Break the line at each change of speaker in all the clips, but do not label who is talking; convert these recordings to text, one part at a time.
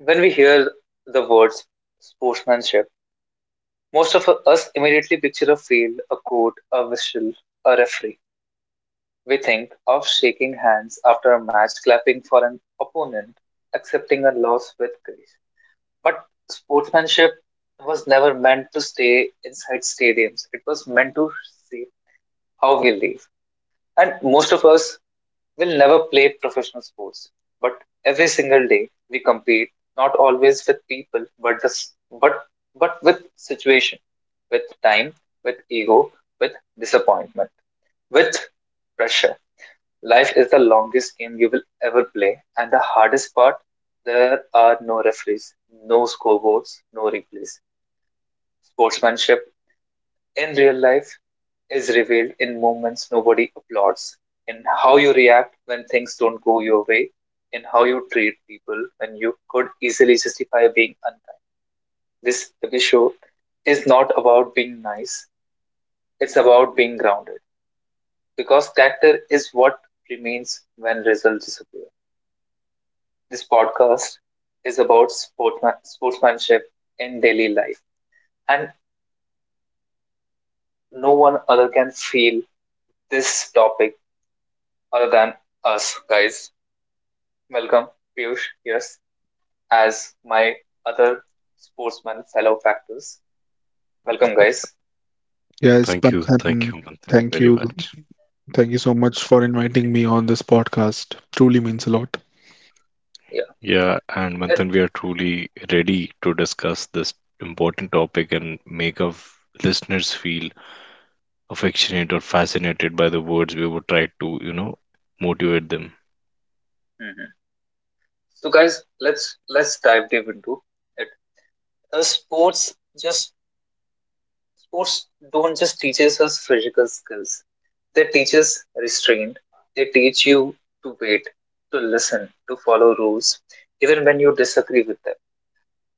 When we hear the words sportsmanship, most of us immediately picture a field, a court, a whistle, a referee. We think of shaking hands after a match, clapping for an opponent, accepting a loss with grace. But sportsmanship was never meant to stay inside stadiums. It was meant to shape how we live. And most of us will never play professional sports, but every single day we compete, not always with people, but the, s- but but with situation, with time, with ego, with disappointment, with pressure. Life is the longest game you will ever play, and the hardest part, there are no referees, no scoreboards, no replays. Sportsmanship in real life is revealed in moments nobody applauds, in how you react when things don't go your way, in how you treat people when you could easily justify being unkind. This episode is not about being nice, it's about being grounded, because character is what remains when results disappear. This podcast is about sportsmanship in daily life, and no one other can feel this topic other than us, guys. Welcome, Piyush. Yes, as my other sportsman fellow factors. Welcome, guys.
Yes,
Thank you,
Panthan,
Manthan,
thank
very
you.
much.
Thank you so much for inviting me on this podcast. Truly means a lot.
Yeah.
Yeah, and
Let,
Manthan, we are truly ready to discuss this important topic and make our listeners feel affectionate or fascinated by the words we would try to, motivate them.
mhm. So, guys, let's dive deep into it. Uh, sports just sports don't just teaches us physical skills. They teach us restraint. They teach you to wait, to listen, to follow rules, even when you disagree with them,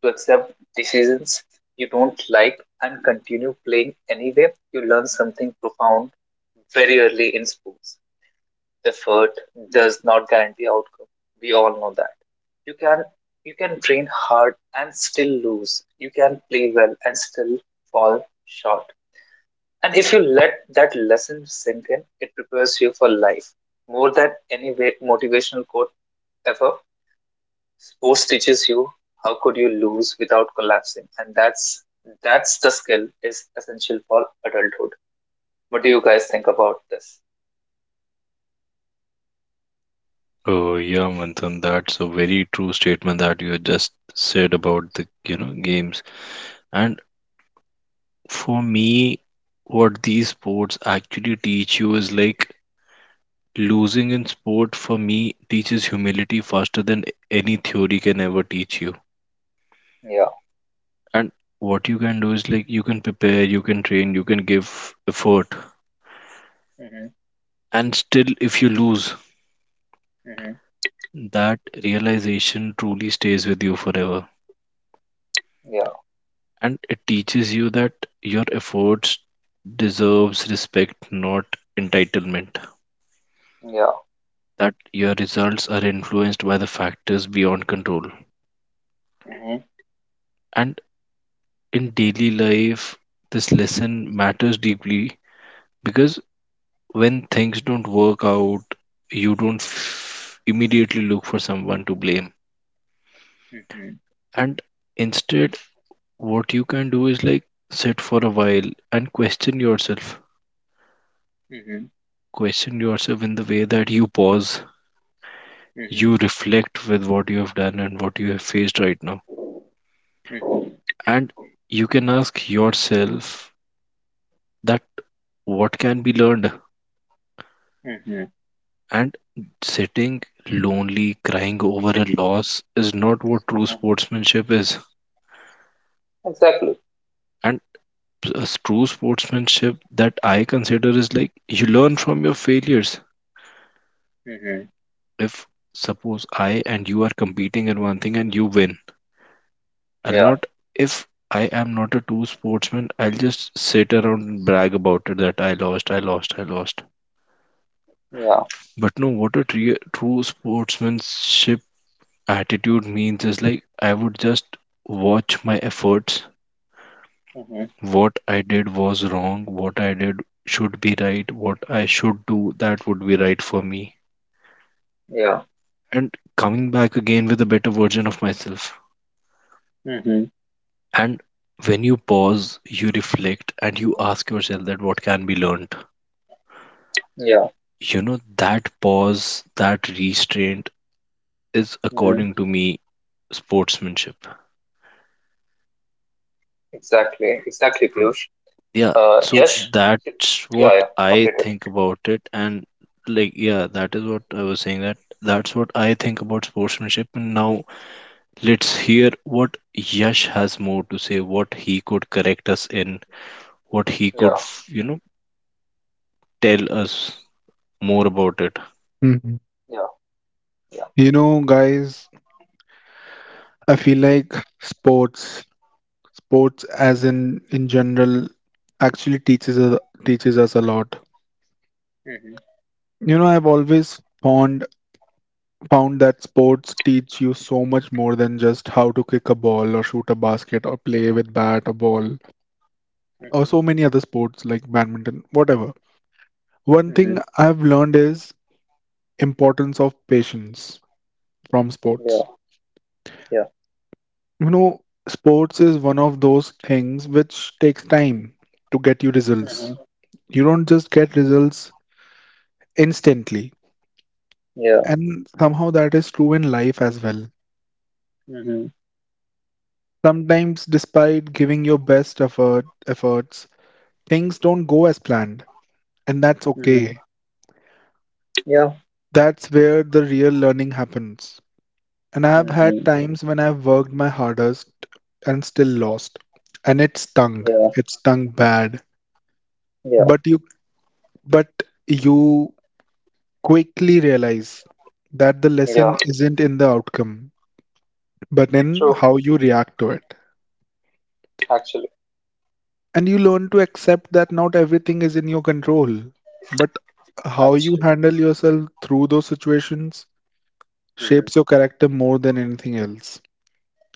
to accept decisions you don't like and continue playing anyway. You learn something profound very early in sports. Effort does not guarantee outcome. We all know that. You can you can train hard and still lose. You can play well and still fall short. And if you let that lesson sink in, it prepares you for life more than any motivational quote ever. Sports teaches you how could you lose without collapsing, and that's the skill is essential for adulthood. What do you guys think about this?
Oh, yeah, Manthan, that's a very true statement that you just said about the, games. And for me, what these sports actually teach you is like losing in sport for me teaches humility faster than any theory can ever teach you.
Yeah.
And what you can do is like you can prepare, you can train, you can give effort.
Mm-hmm.
And still, if you lose,
Mm-hmm.
that realization truly stays with you forever.
Yeah.
And it teaches you that your efforts deserves respect, not entitlement.
Yeah.
That your results are influenced by the factors beyond control.
Mm-hmm.
And in daily life, this lesson matters deeply because when things don't work out, you don't immediately look for someone to blame,
Mm-hmm.
and instead what you can do is like sit for a while and question yourself,
Mm-hmm.
question yourself in the way that you pause, you
Mm-hmm.
reflect with what you have done and what you have faced right now,
Mm-hmm.
and you can ask yourself that what can be learned.
Mm-hmm.
And sitting lonely crying over a loss is not what true
Mm-hmm.
sportsmanship is,
Exactly.
and true sportsmanship that I consider is like you learn from your failures.
Mm-hmm.
If suppose I and you are competing in one thing and you win, I'll
Yeah.
not, if I am not a true sportsman, I'll just sit around and brag about it that I lost, I lost, I lost.
Yeah.
But no, what a true sportsmanship attitude means is like I would just watch my efforts.
Mm-hmm.
What I did was wrong, what I did should be right, what I should do that would be right for me,
Yeah.
and coming back again with a better version of myself.
Mm-hmm.
And when you pause, you reflect and you ask yourself that what can be learned.
Yeah.
You know, that pause, that restraint is,
Mm-hmm.
according to me, sportsmanship.
Exactly. Exactly, Piyush.
Yeah,
Uh,
so
yes.
that's
Yeah.
what
Yeah.
I
Completed.
think about it. And like, yeah, that is what I was saying, that that's what I think about sportsmanship. And now let's hear what Yash has more to say, what he could correct us in, what he could
Yeah.
tell us more about it.
Mhm.
Yeah. Yeah.
You know, guys, I feel like sports, sports as in general, actually teaches us a lot.
Mm-hmm.
You know, I've always found found that sports teach you so much more than just how to kick a ball or shoot a basket or play with bat or ball or
Mm-hmm.
so many other sports like badminton, whatever. One thing
Mm-hmm.
I've learned is importance of patience from
Yeah.
sports.
Yeah.
You know, sports is one of those things which takes time to get you
Mm-hmm.
results. You don't just get results instantly,
Yeah.
and somehow that is true in life as well.
Mm-hmm.
Sometimes despite giving your best efforts, things don't go as planned, and that's
Mm-hmm.
okay.
Yeah.
That's where the real learning happens. And I've had
Mm-hmm.
times when I've worked my hardest and still lost, and it stung.
Yeah.
It stung bad.
Yeah.
But you but you quickly realize that the
Yeah.
lesson isn't in the outcome, but in
True.
how you react to it.
Actually.
And you learn to accept that not everything is in your control, but how you
Actually.
handle yourself through those situations
Mm-hmm.
shapes your character more than anything else.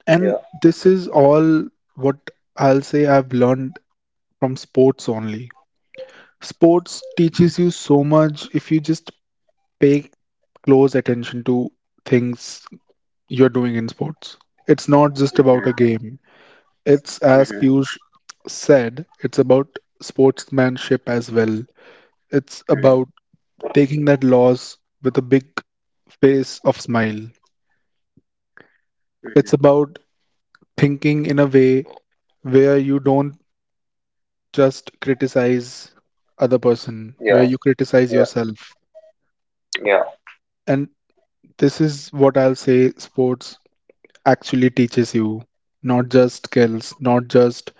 And
Yeah.
this is all what I'll say I've learned from sports only. Sports teaches you so much if you just pay close attention to things you're doing in sports. It's not just about a
Mm-hmm.
game. It's as
Mm-hmm.
Piyush said, it's about sportsmanship as well. It's
Mm-hmm.
about taking that loss with a big face of smile. It's
Mm-hmm.
about thinking in a way where you don't just criticize other person, where
Yeah.
you criticize
Yeah.
yourself.
Yeah.
And this is what I'll say sports actually teaches you, not just skills, not just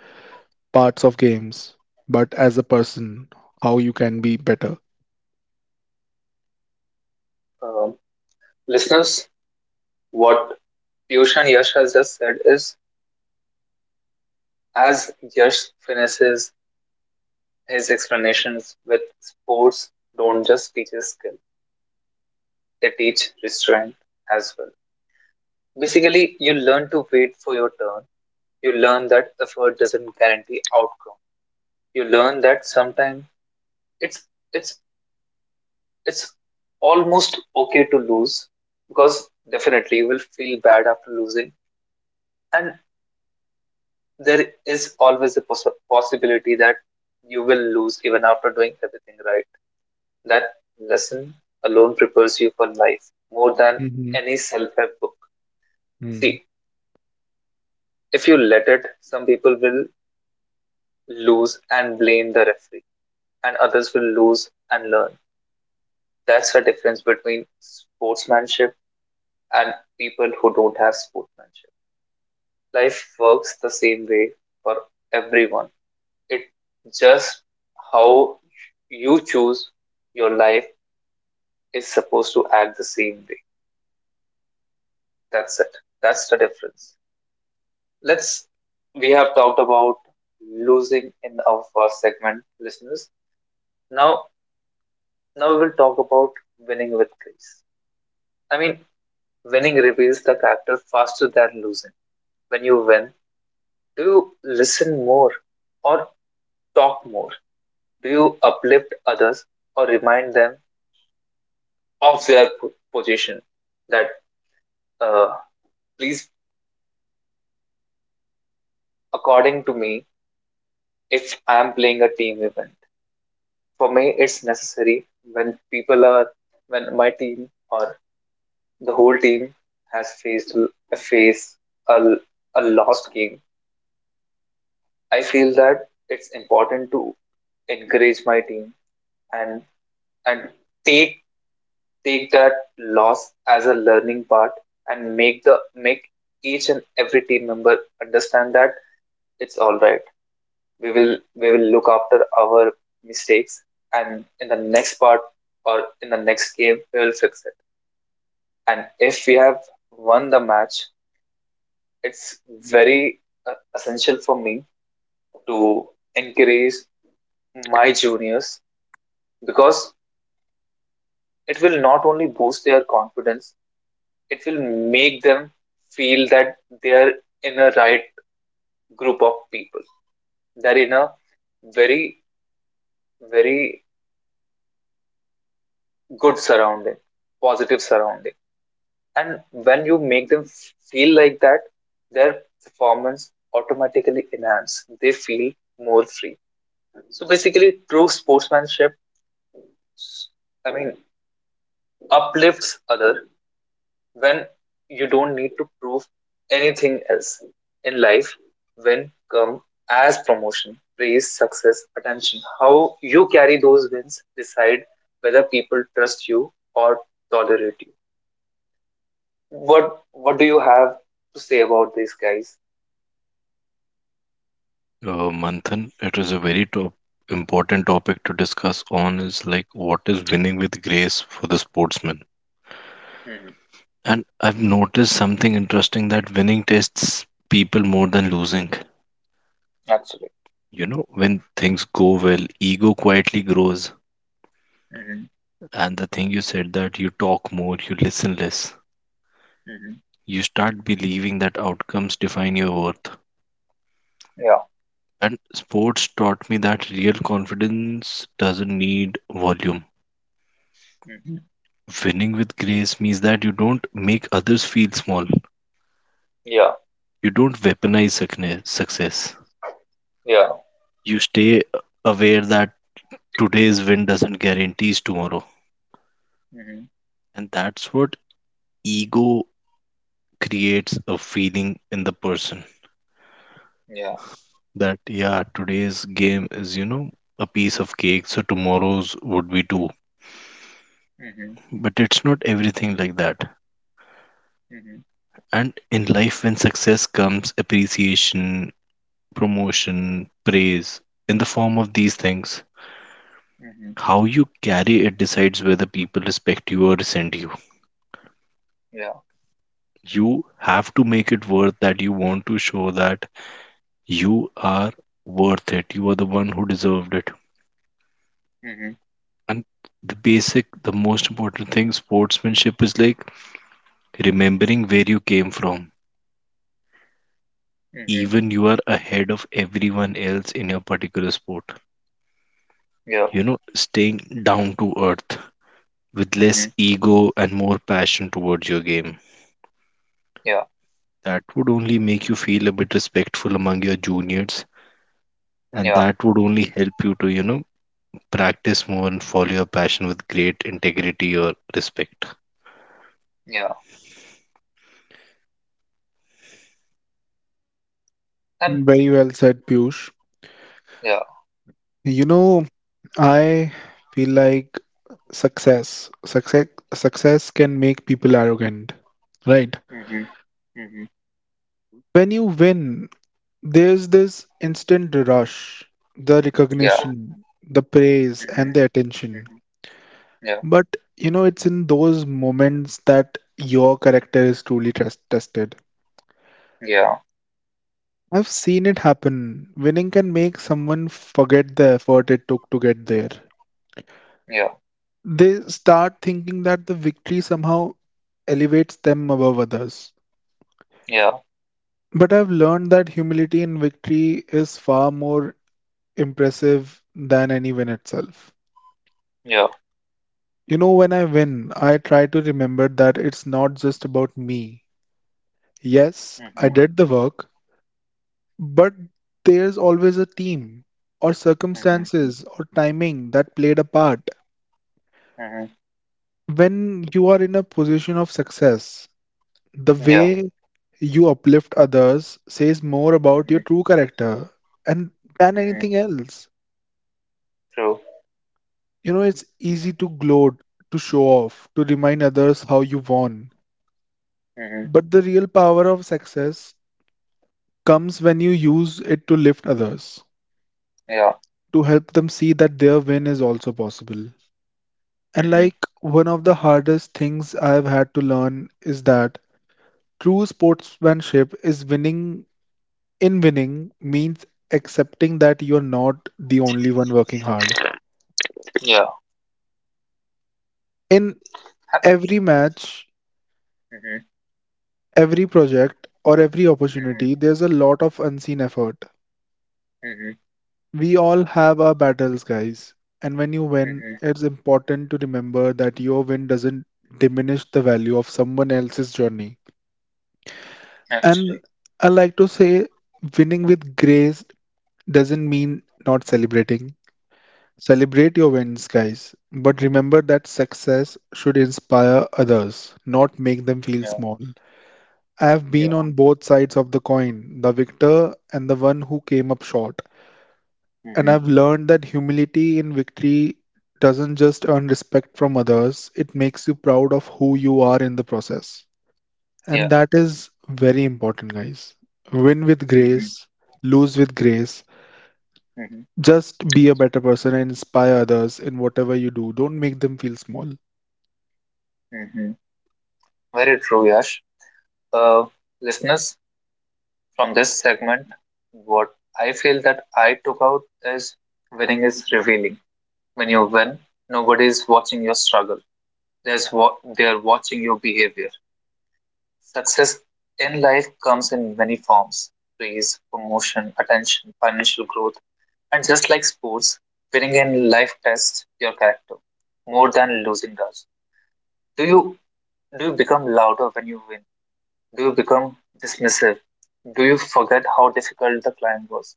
parts of games, but as a person, how you can be better.
Um, Listeners, what Piyush and Yash has just said is, as Yash finishes his explanations, with sports don't just teach a skill, they teach restraint as well. Basically, you learn to wait for your turn. You learn that effort doesn't guarantee outcome. You learn that sometimes it's it's it's almost okay to lose, because definitely you will feel bad after losing, and there is always a possibility that you will lose even after doing everything right. That lesson alone prepares you for life more than
Hmm.
any self help book. See, if you let it, some people will lose and blame the referee, and others will lose and learn. That's the difference between sportsmanship and people who don't have sportsmanship. Life works the same way for everyone. It just how you choose your life is supposed to act the same way. That's it. That's the difference. Let's We have talked about losing in our first segment, listeners. Now now we will talk about winning with grace. I mean, winning reveals the character faster than losing. When you win, do you listen more or talk more? Do you uplift others or remind them of their position? That, uh, please, according to me, if I am playing a team event, for me, it's necessary when people are, when my team or the whole team has faced face a, a lost game. I feel that it's important to encourage my team and and take that loss as a learning part and make each and every team member understand that it's all right, we will look after our mistakes and in the next part or in the next game we will fix it. And if we have won the match, it's very, essential for me to encourage my juniors, because it will not only boost their confidence, it will make them feel that they're in a right group of people. They're in a very, very good surrounding, positive surrounding. And when you make them feel like that, their performance automatically enhances. They feel more free. So basically, true sportsmanship, I mean, uplifts others. When you don't need to prove anything else in life, when come as promotion, praise, success, attention, how you carry those wins decide whether people trust you or tolerate you. What do you have to say about these, guys?
Manthan, it is a very top, important topic to discuss on, is like what is winning with grace for the sportsman.
Hmm.
And I've noticed something interesting, that winning tests people more than losing.
Actually.
You know, when things go well, ego quietly grows.
Hmm.
And the thing you said, that you talk more, you listen less.
Hmm.
You start believing that outcomes define your worth.
Yeah.
And sports taught me that real confidence doesn't need volume.
Hmm.
Winning with grace means that you don't make others feel small.
Yeah.
You don't weaponize success.
Yeah.
You stay aware that today's win doesn't guarantees tomorrow.
Hmm.
And that's what ego creates a feeling in the person
Yeah.
that, yeah, today's game is, a piece of cake, so tomorrow's would be too.
Hmm.
But it's not everything like that.
Hmm.
And in life, when success comes, appreciation, promotion, praise, in the form of these things,
Hmm.
how you carry it decides whether people respect you or resent you.
Yeah.
You have to make it worth, that you want to show that you are worth it. You are the one who deserved it.
Hmm.
And the basic, the most important thing sportsmanship is like remembering where you came from.
Hmm.
Even you are ahead of everyone else in your particular sport.
Yeah.
You know, staying down to earth with
Hmm.
less ego and more passion towards your game.
Yeah.
That would only make you feel a bit respectful among your juniors, and
Yeah.
that would only help you to practice more and follow your passion with great integrity or respect.
Yeah. And
Very well said, Piyush.
yeah.
You know, I feel like success, success, success can make people arrogant, right?
Mm-hmm. Mm-hmm.
When you win, there's this instant rush, the
Yeah.
recognition, the praise, and the
Mm-hmm.
attention.
Mm-hmm. Yeah.
But you know, it's in those moments that your character is truly tested.
Yeah.
I've seen it happen. Winning can make someone forget the effort it took to get there.
Yeah.
They start thinking that the victory somehow elevates them above others.
Yeah.
But I've learned that humility in victory is far more impressive than any win itself.
Yeah.
You know, when I win, I try to remember that it's not just about me. Yes, I
Mm-hmm.
did the work, but there's always a team, or
Mm-hmm.
circumstances, or timing that played a part.
Mm-hmm.
When you are in a position of success, the
Yeah.
way you uplift others says more about
Mm-hmm.
your true character and than
Mm-hmm.
anything else.
True.
You know, it's easy to gloat, to show off, to remind others how you won.
Mm-hmm.
But the real power of success comes when you use it to lift others,
Yeah.
to help them see that their win is also possible. And
Mm-hmm.
like one of the hardest things I've had to learn is that true sportsmanship is winning in winning means accepting that you're not the only one working hard.
Yeah.
In every match,
Mhm.
every project, or every
Mhm.
opportunity, there's a lot of unseen effort.
Mhm.
We all have our battles, guys. And when you win,
Mhm.
it's important to remember that your win doesn't diminish the value of someone else's journey. And
Actually.
I like to say, winning with grace doesn't mean not celebrating. Celebrate your wins, guys, but remember that success should inspire others, not make them feel
Yeah.
small. I have been
Yeah.
on both sides of the coin, the victor and the one who came up short. And
Mhm.
I've learned that humility in victory doesn't just earn respect from others, it makes you proud of who you are in the process.
Yeah.
And that is very important, guys. Win with
Mhm.
grace, lose with grace.
Mhm.
Just be a better person and inspire others in whatever you do. Don't make them feel small.
Mhm. Very true, Yash. Uh, Listeners, from this segment, what I feel that I took out is, winning is revealing. When you win, nobody is watching your struggle. There's what they are watching, your behavior. Success in life comes in many forms: praise, promotion, attention, financial growth. And just like sports, winning in life tests your character more than losing does. Do you do you become louder when you win? Do you become dismissive? Do you forget how difficult the climb was?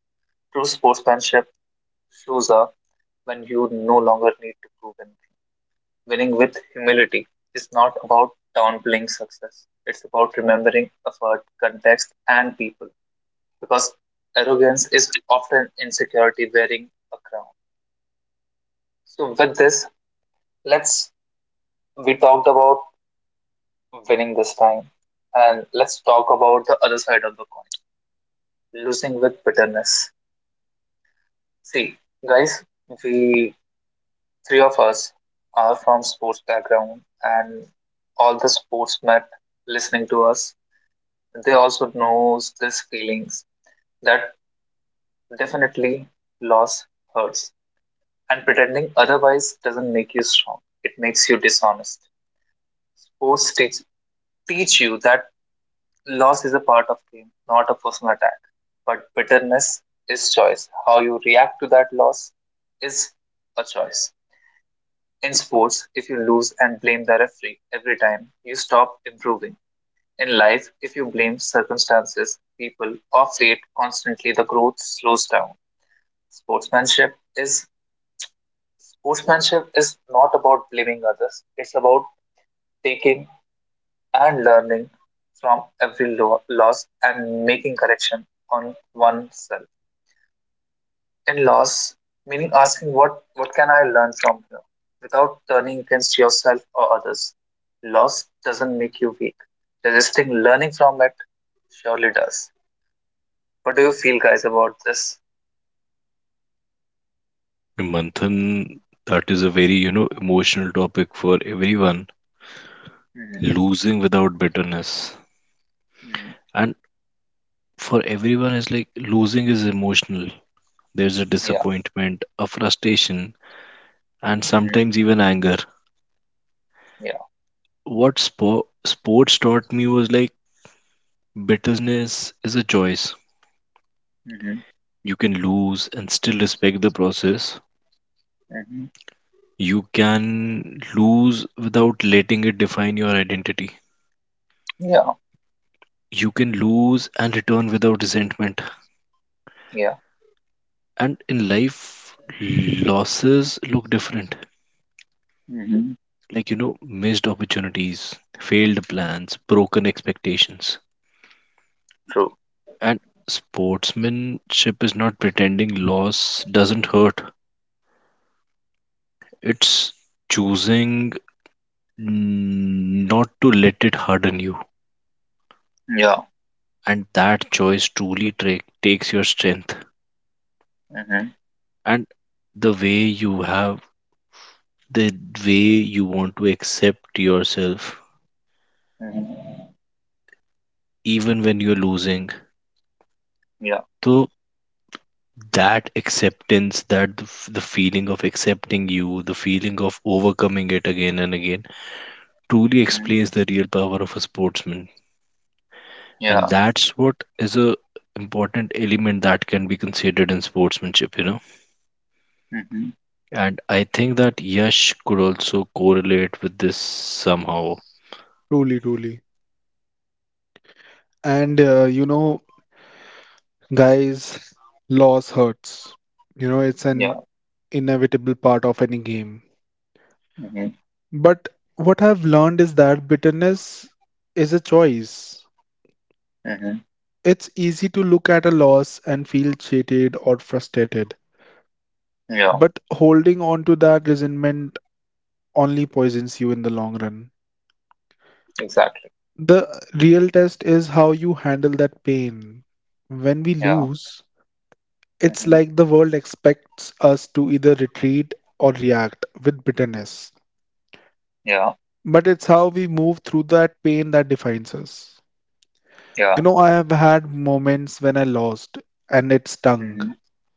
True sportsmanship shows up when you no longer need to prove anything. Winning with humility is not about downplaying success. It's about remembering effort, context, and people. Because arrogance is often insecurity wearing a crown. So with this, let's we talked about winning this time, and let's talk about the other side of the coin: losing with bitterness. See, guys, we three of us are from sports background, and all the sportsmen listening to us, they also knows these feelings, that definitely loss hurts, and pretending otherwise doesn't make you strong, it makes you dishonest. sports teach, teach you that loss is a part of game, not a personal attack. But bitterness is choice. How you react to that loss is a choice. In sports, if you lose and blame the referee every time, you stop improving. In life, if you blame circumstances, people, or fate constantly, the growth slows down. Sportsmanship is Sportsmanship is not about blaming others. It's about taking and learning from every loss and making correction on oneself. In loss, meaning asking what can I learn from here without turning against yourself or others. Loss doesn't make you weak. Resisting learning from it surely does. What do you feel, guys, about this?
Manthan, that is a very, emotional topic for everyone.
Hmm.
Losing without bitterness.
Hmm.
And for everyone is like losing is emotional. There's a
Yeah.
disappointment, a frustration, and
Hmm.
sometimes even anger.
Yeah.
What sports taught me was like bitterness is a choice.
Hmm.
You can lose and still respect the process.
Hmm.
You can lose without letting it define your identity.
Yeah.
You can lose and return without resentment.
Yeah.
And in life, losses look different.
Hmm.
Like, you know, missed opportunities, failed plans, broken expectations.
True.
And sportsmanship is not pretending loss doesn't hurt, it's choosing not to let it harden you.
Yeah.
And that choice truly takes your strength.
Hmm.
And the way you have, the way you want to accept yourself
Hmm.
even when you're losing,
Yeah.
so that acceptance, that the the feeling of accepting you, the feeling of overcoming it again and again, truly
Hmm.
explains the real power of a sportsman. And
Yeah.
that's what is a important element that can be considered in sportsmanship, you know.
Hmm.
And I think that Yash could also correlate with this somehow.
Truly, truly. And you know, guys, loss hurts. You know, it's
Yeah.
an inevitable part of any game.
Hmm. Hmm.
But what I've learned is that bitterness is a choice. It's easy to look at a loss and feel cheated or frustrated,
Yeah.
but holding on to that resentment only poisons you in the long run.
Exactly.
The real test is how you handle that pain. When we
Yeah.
lose, it's
Hmm.
like the world expects us to either retreat or react with bitterness.
Yeah.
But it's how we move through that pain that defines us. You
Yeah.
know, I have had moments when I lost and it stung,
Hmm.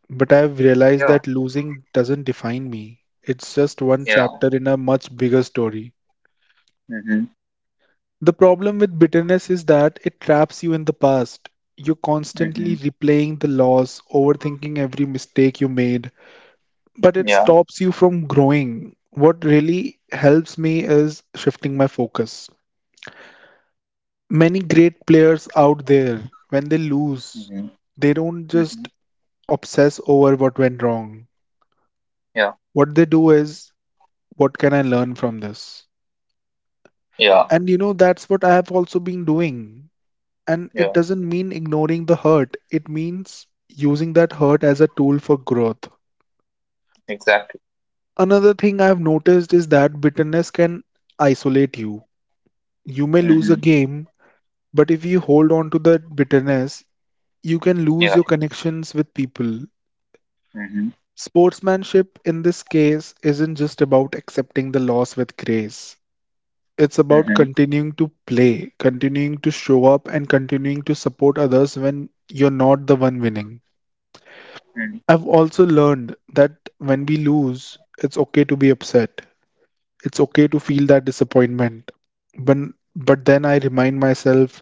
but I've realized
Yeah.
that losing doesn't define me. It's just one
Yeah.
chapter in a much bigger story.
Hmm.
The problem with bitterness is that it traps you in the past. You're constantly
Hmm.
replaying the loss, overthinking every mistake you made, but it
Yeah.
stops you from growing. What really helps me is shifting my focus. Many great players out there, when they lose,
Hmm.
they don't just
Hmm.
obsess over what went wrong.
Yeah.
What they do is, what can I learn from this?
Yeah.
And you know, that's what I have also been doing. And it
Yeah.
doesn't mean ignoring the hurt, it means using that hurt as a tool for growth.
Exactly.
Another thing I've noticed is that bitterness can isolate you. You may lose a
Hmm.
game, but if you hold on to that bitterness, you can lose
Yeah.
your connections with people.
Hmm.
Sportsmanship in this case isn't just about accepting the loss with grace. It's about
Hmm.
continuing to play, continuing to show up, and continuing to support others when you're not the one winning.
Hmm.
I've also learned that when we lose, it's okay to be upset. It's okay to feel that disappointment. But, but then I remind myself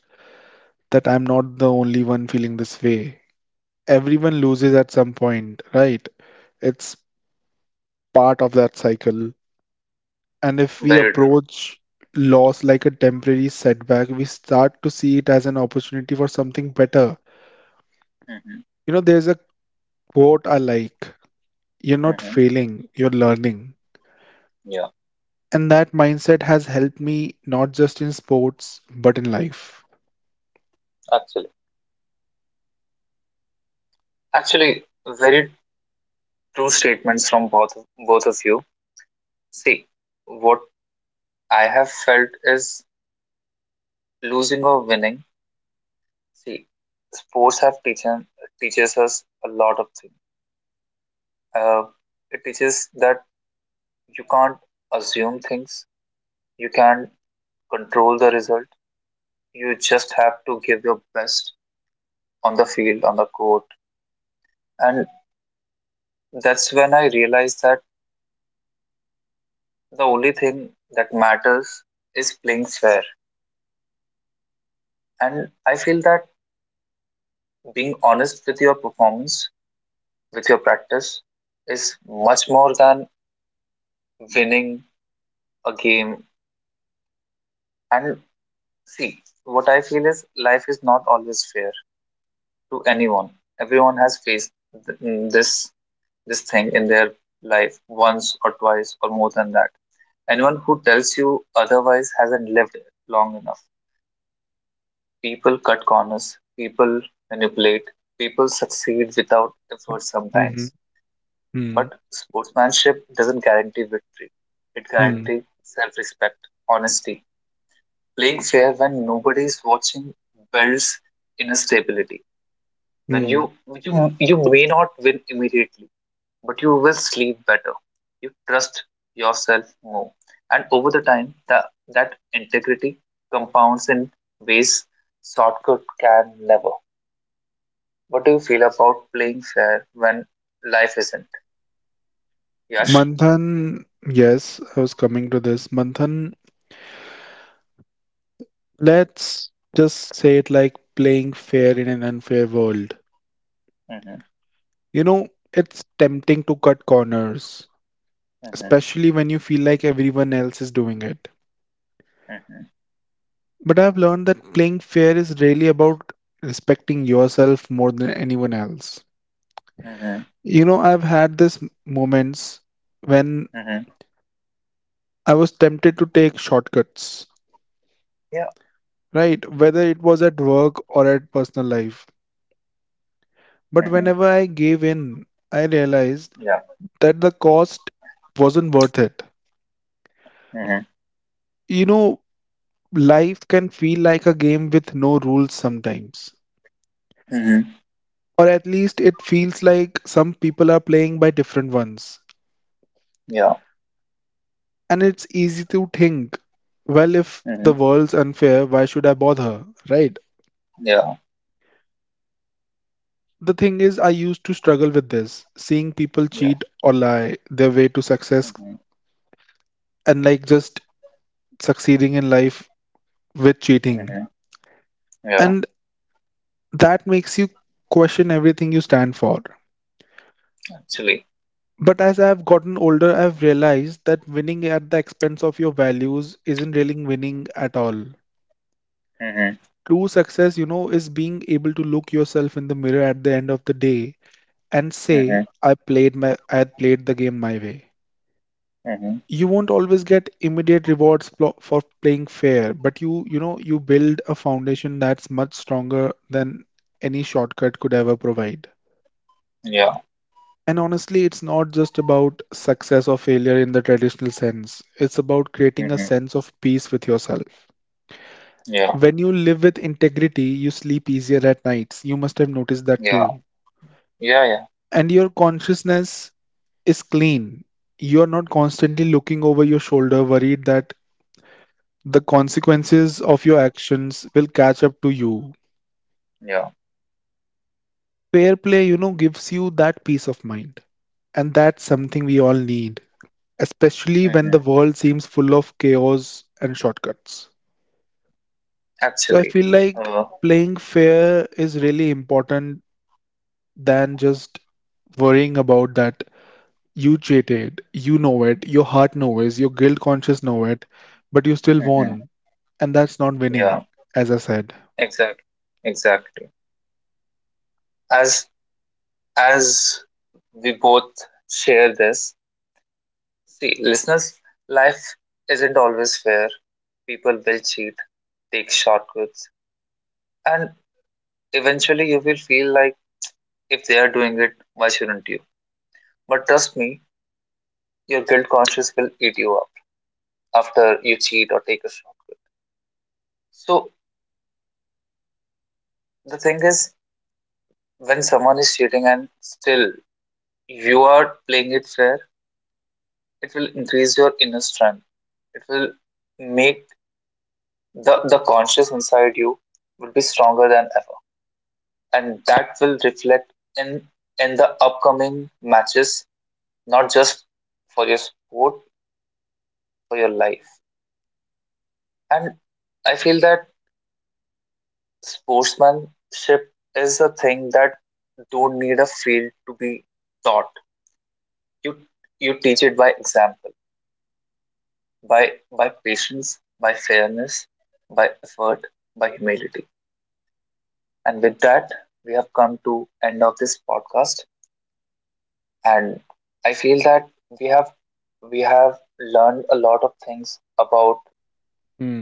that I'm not the only one feeling this way. Everyone loses at some point, right? It's part of that cycle. And if we
Very true.
approach loss like a temporary setback, we start to see it as an opportunity for something better.
Hmm.
You know, there's a quote I like: you're not failing, you're learning.
Hmm.
And that mindset has helped me not just in sports, but in life.
Actually, actually, very true statements from both of you. See, what I have felt is losing or winning. See, sports have teachen teaches us a lot of things. Uh, it teaches that you can't assume things. You can't control the result. You just have to give your best on the field, on the court, and that's when I realized that the only thing that matters is playing fair. And I feel that being honest with your performance, with your practice, is much more than winning a game. And see, what I feel is, life is not always fair to anyone. Everyone has faced this thing in their life once or twice or more than that. Anyone who tells you otherwise hasn't lived long enough. People cut corners. People manipulate. People succeed without
Hmm.
effort
hmm
sometimes.
hmm
But sportsmanship doesn't guarantee victory. It
hmm
guarantees self-respect, honesty. Playing fair when nobody is watching builds inner stability. When
hmm.
you may not win immediately, but you will sleep better. You trust yourself more, and over the time, that integrity compounds in ways shortcut can never. What do you feel about playing fair when life isn't? Yash.
Manthan, yes, I was coming to this. Manthan, let's just say it like playing fair in an unfair world.
Hmm.
You know, it's tempting to cut corners,
Hmm.
especially when you feel like everyone else is doing it. But I've learned that playing fair is really about respecting yourself more than anyone else.
Mhm.
You know, I've had these moments when
Mhm.
I was tempted to take shortcuts,
Yeah.
right? Whether it was at work or at personal life. But
Mhm.
whenever I gave in, I realized
Yeah.
that the cost wasn't worth it.
Mhm.
You know, life can feel like a game with no rules sometimes.
Mhm.
Or at least it feels like some people are playing by different ones.
Yeah.
And it's easy to think, well, if the
Mhm.
world's unfair, why should I bother? Right?
Yeah.
The thing is, I used to struggle with this, seeing people
Yeah.
cheat or lie their way to success
Mhm.
and like just succeeding in life with cheating.
Mhm. Yeah.
And that makes you question everything you stand for.
Actually.
But as I've gotten older, I've realized that winning at the expense of your values isn't really winning at all.
Mhm.
True success, you know, is being able to look yourself in the mirror at the end of the day and say,
Mhm.
I played the game my way.
Mhm.
You won't always get immediate rewards for playing fair, but you know, you build a foundation that's much stronger than any shortcut could ever provide.
Yeah.
And honestly, it's not just about success or failure in the traditional sense. It's about creating a
Mhm.
sense of peace with yourself.
Yeah.
When you live with integrity, you sleep easier at nights. You must have noticed that
Yeah.
too.
Yeah. Yeah.
And your consciousness is clean. You're not constantly looking over your shoulder, worried that the consequences of your actions will catch up to you.
Yeah.
Fair play, you know, gives you that peace of mind. And that's something we all need, especially when the
Mhm.
world seems full of chaos and shortcuts. So I
Actually.
feel like
Uh.
playing fair is really important than just worrying about that you cheated, you know it, your heart knows, your guilt conscious know it, but you still
Mhm.
won, and that's not winning,
Yeah.
as I said.
Exact. Exactly. As as we both share this, see, listeners, life isn't always fair. People will cheat, take shortcuts, and eventually, you will feel like if they are doing it, why shouldn't you? But trust me, your guilt conscience will eat you up after you cheat or take a shortcut. So the thing is, when someone is cheating and still you are playing it fair, it will increase your inner strength. It will make the conscious inside you will be stronger than ever. And that will reflect in in the upcoming matches, not just for your sport, for your life. And I feel that sportsmanship is a thing that don't need a field to be taught. You you teach it by example, by patience, by fairness, by effort, by humility. And with that, we have come to end of this podcast. And I feel that we have we have learned a lot of things
Mm,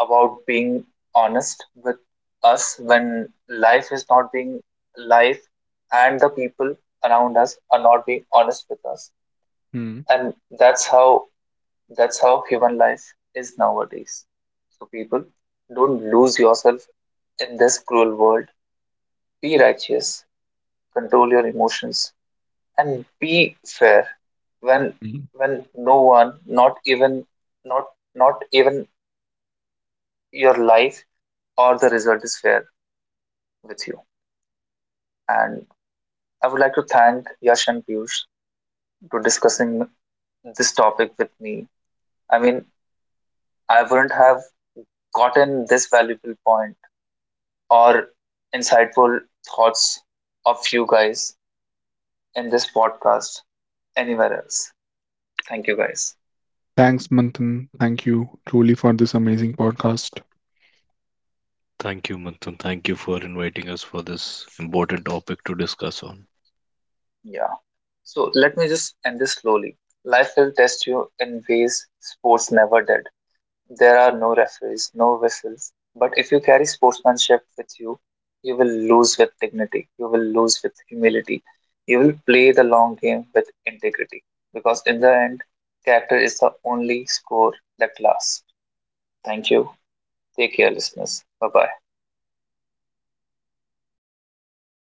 about being honest with us when life is not being life and the people around us are not being honest with us,
mm,
and that's how that's how human life is nowadays. So people, don't lose yourself in this cruel world. Be righteous, control your emotions, and be fair when
mm.
when no one, not even not not even your life or the result is fair with you. And I would like to thank Yash and Piyush to discussing this topic with me. I mean, I wouldn't have gotten this valuable point or insightful thoughts of you guys in this podcast anywhere else. Thank you guys.
Thanks, Manthan. Thank you truly for this amazing podcast.
Thank you, Manthan. Thank you for inviting us for this important topic to discuss on.
Yeah. So let me just end this slowly. Life will test you in ways sports never did. There are no referees, no whistles. But if you carry sportsmanship with you, you will lose with dignity. You will lose with humility. You will play the long game with integrity. Because in the end, character is the only score that lasts. Thank you. Take care, listeners. Bye bye.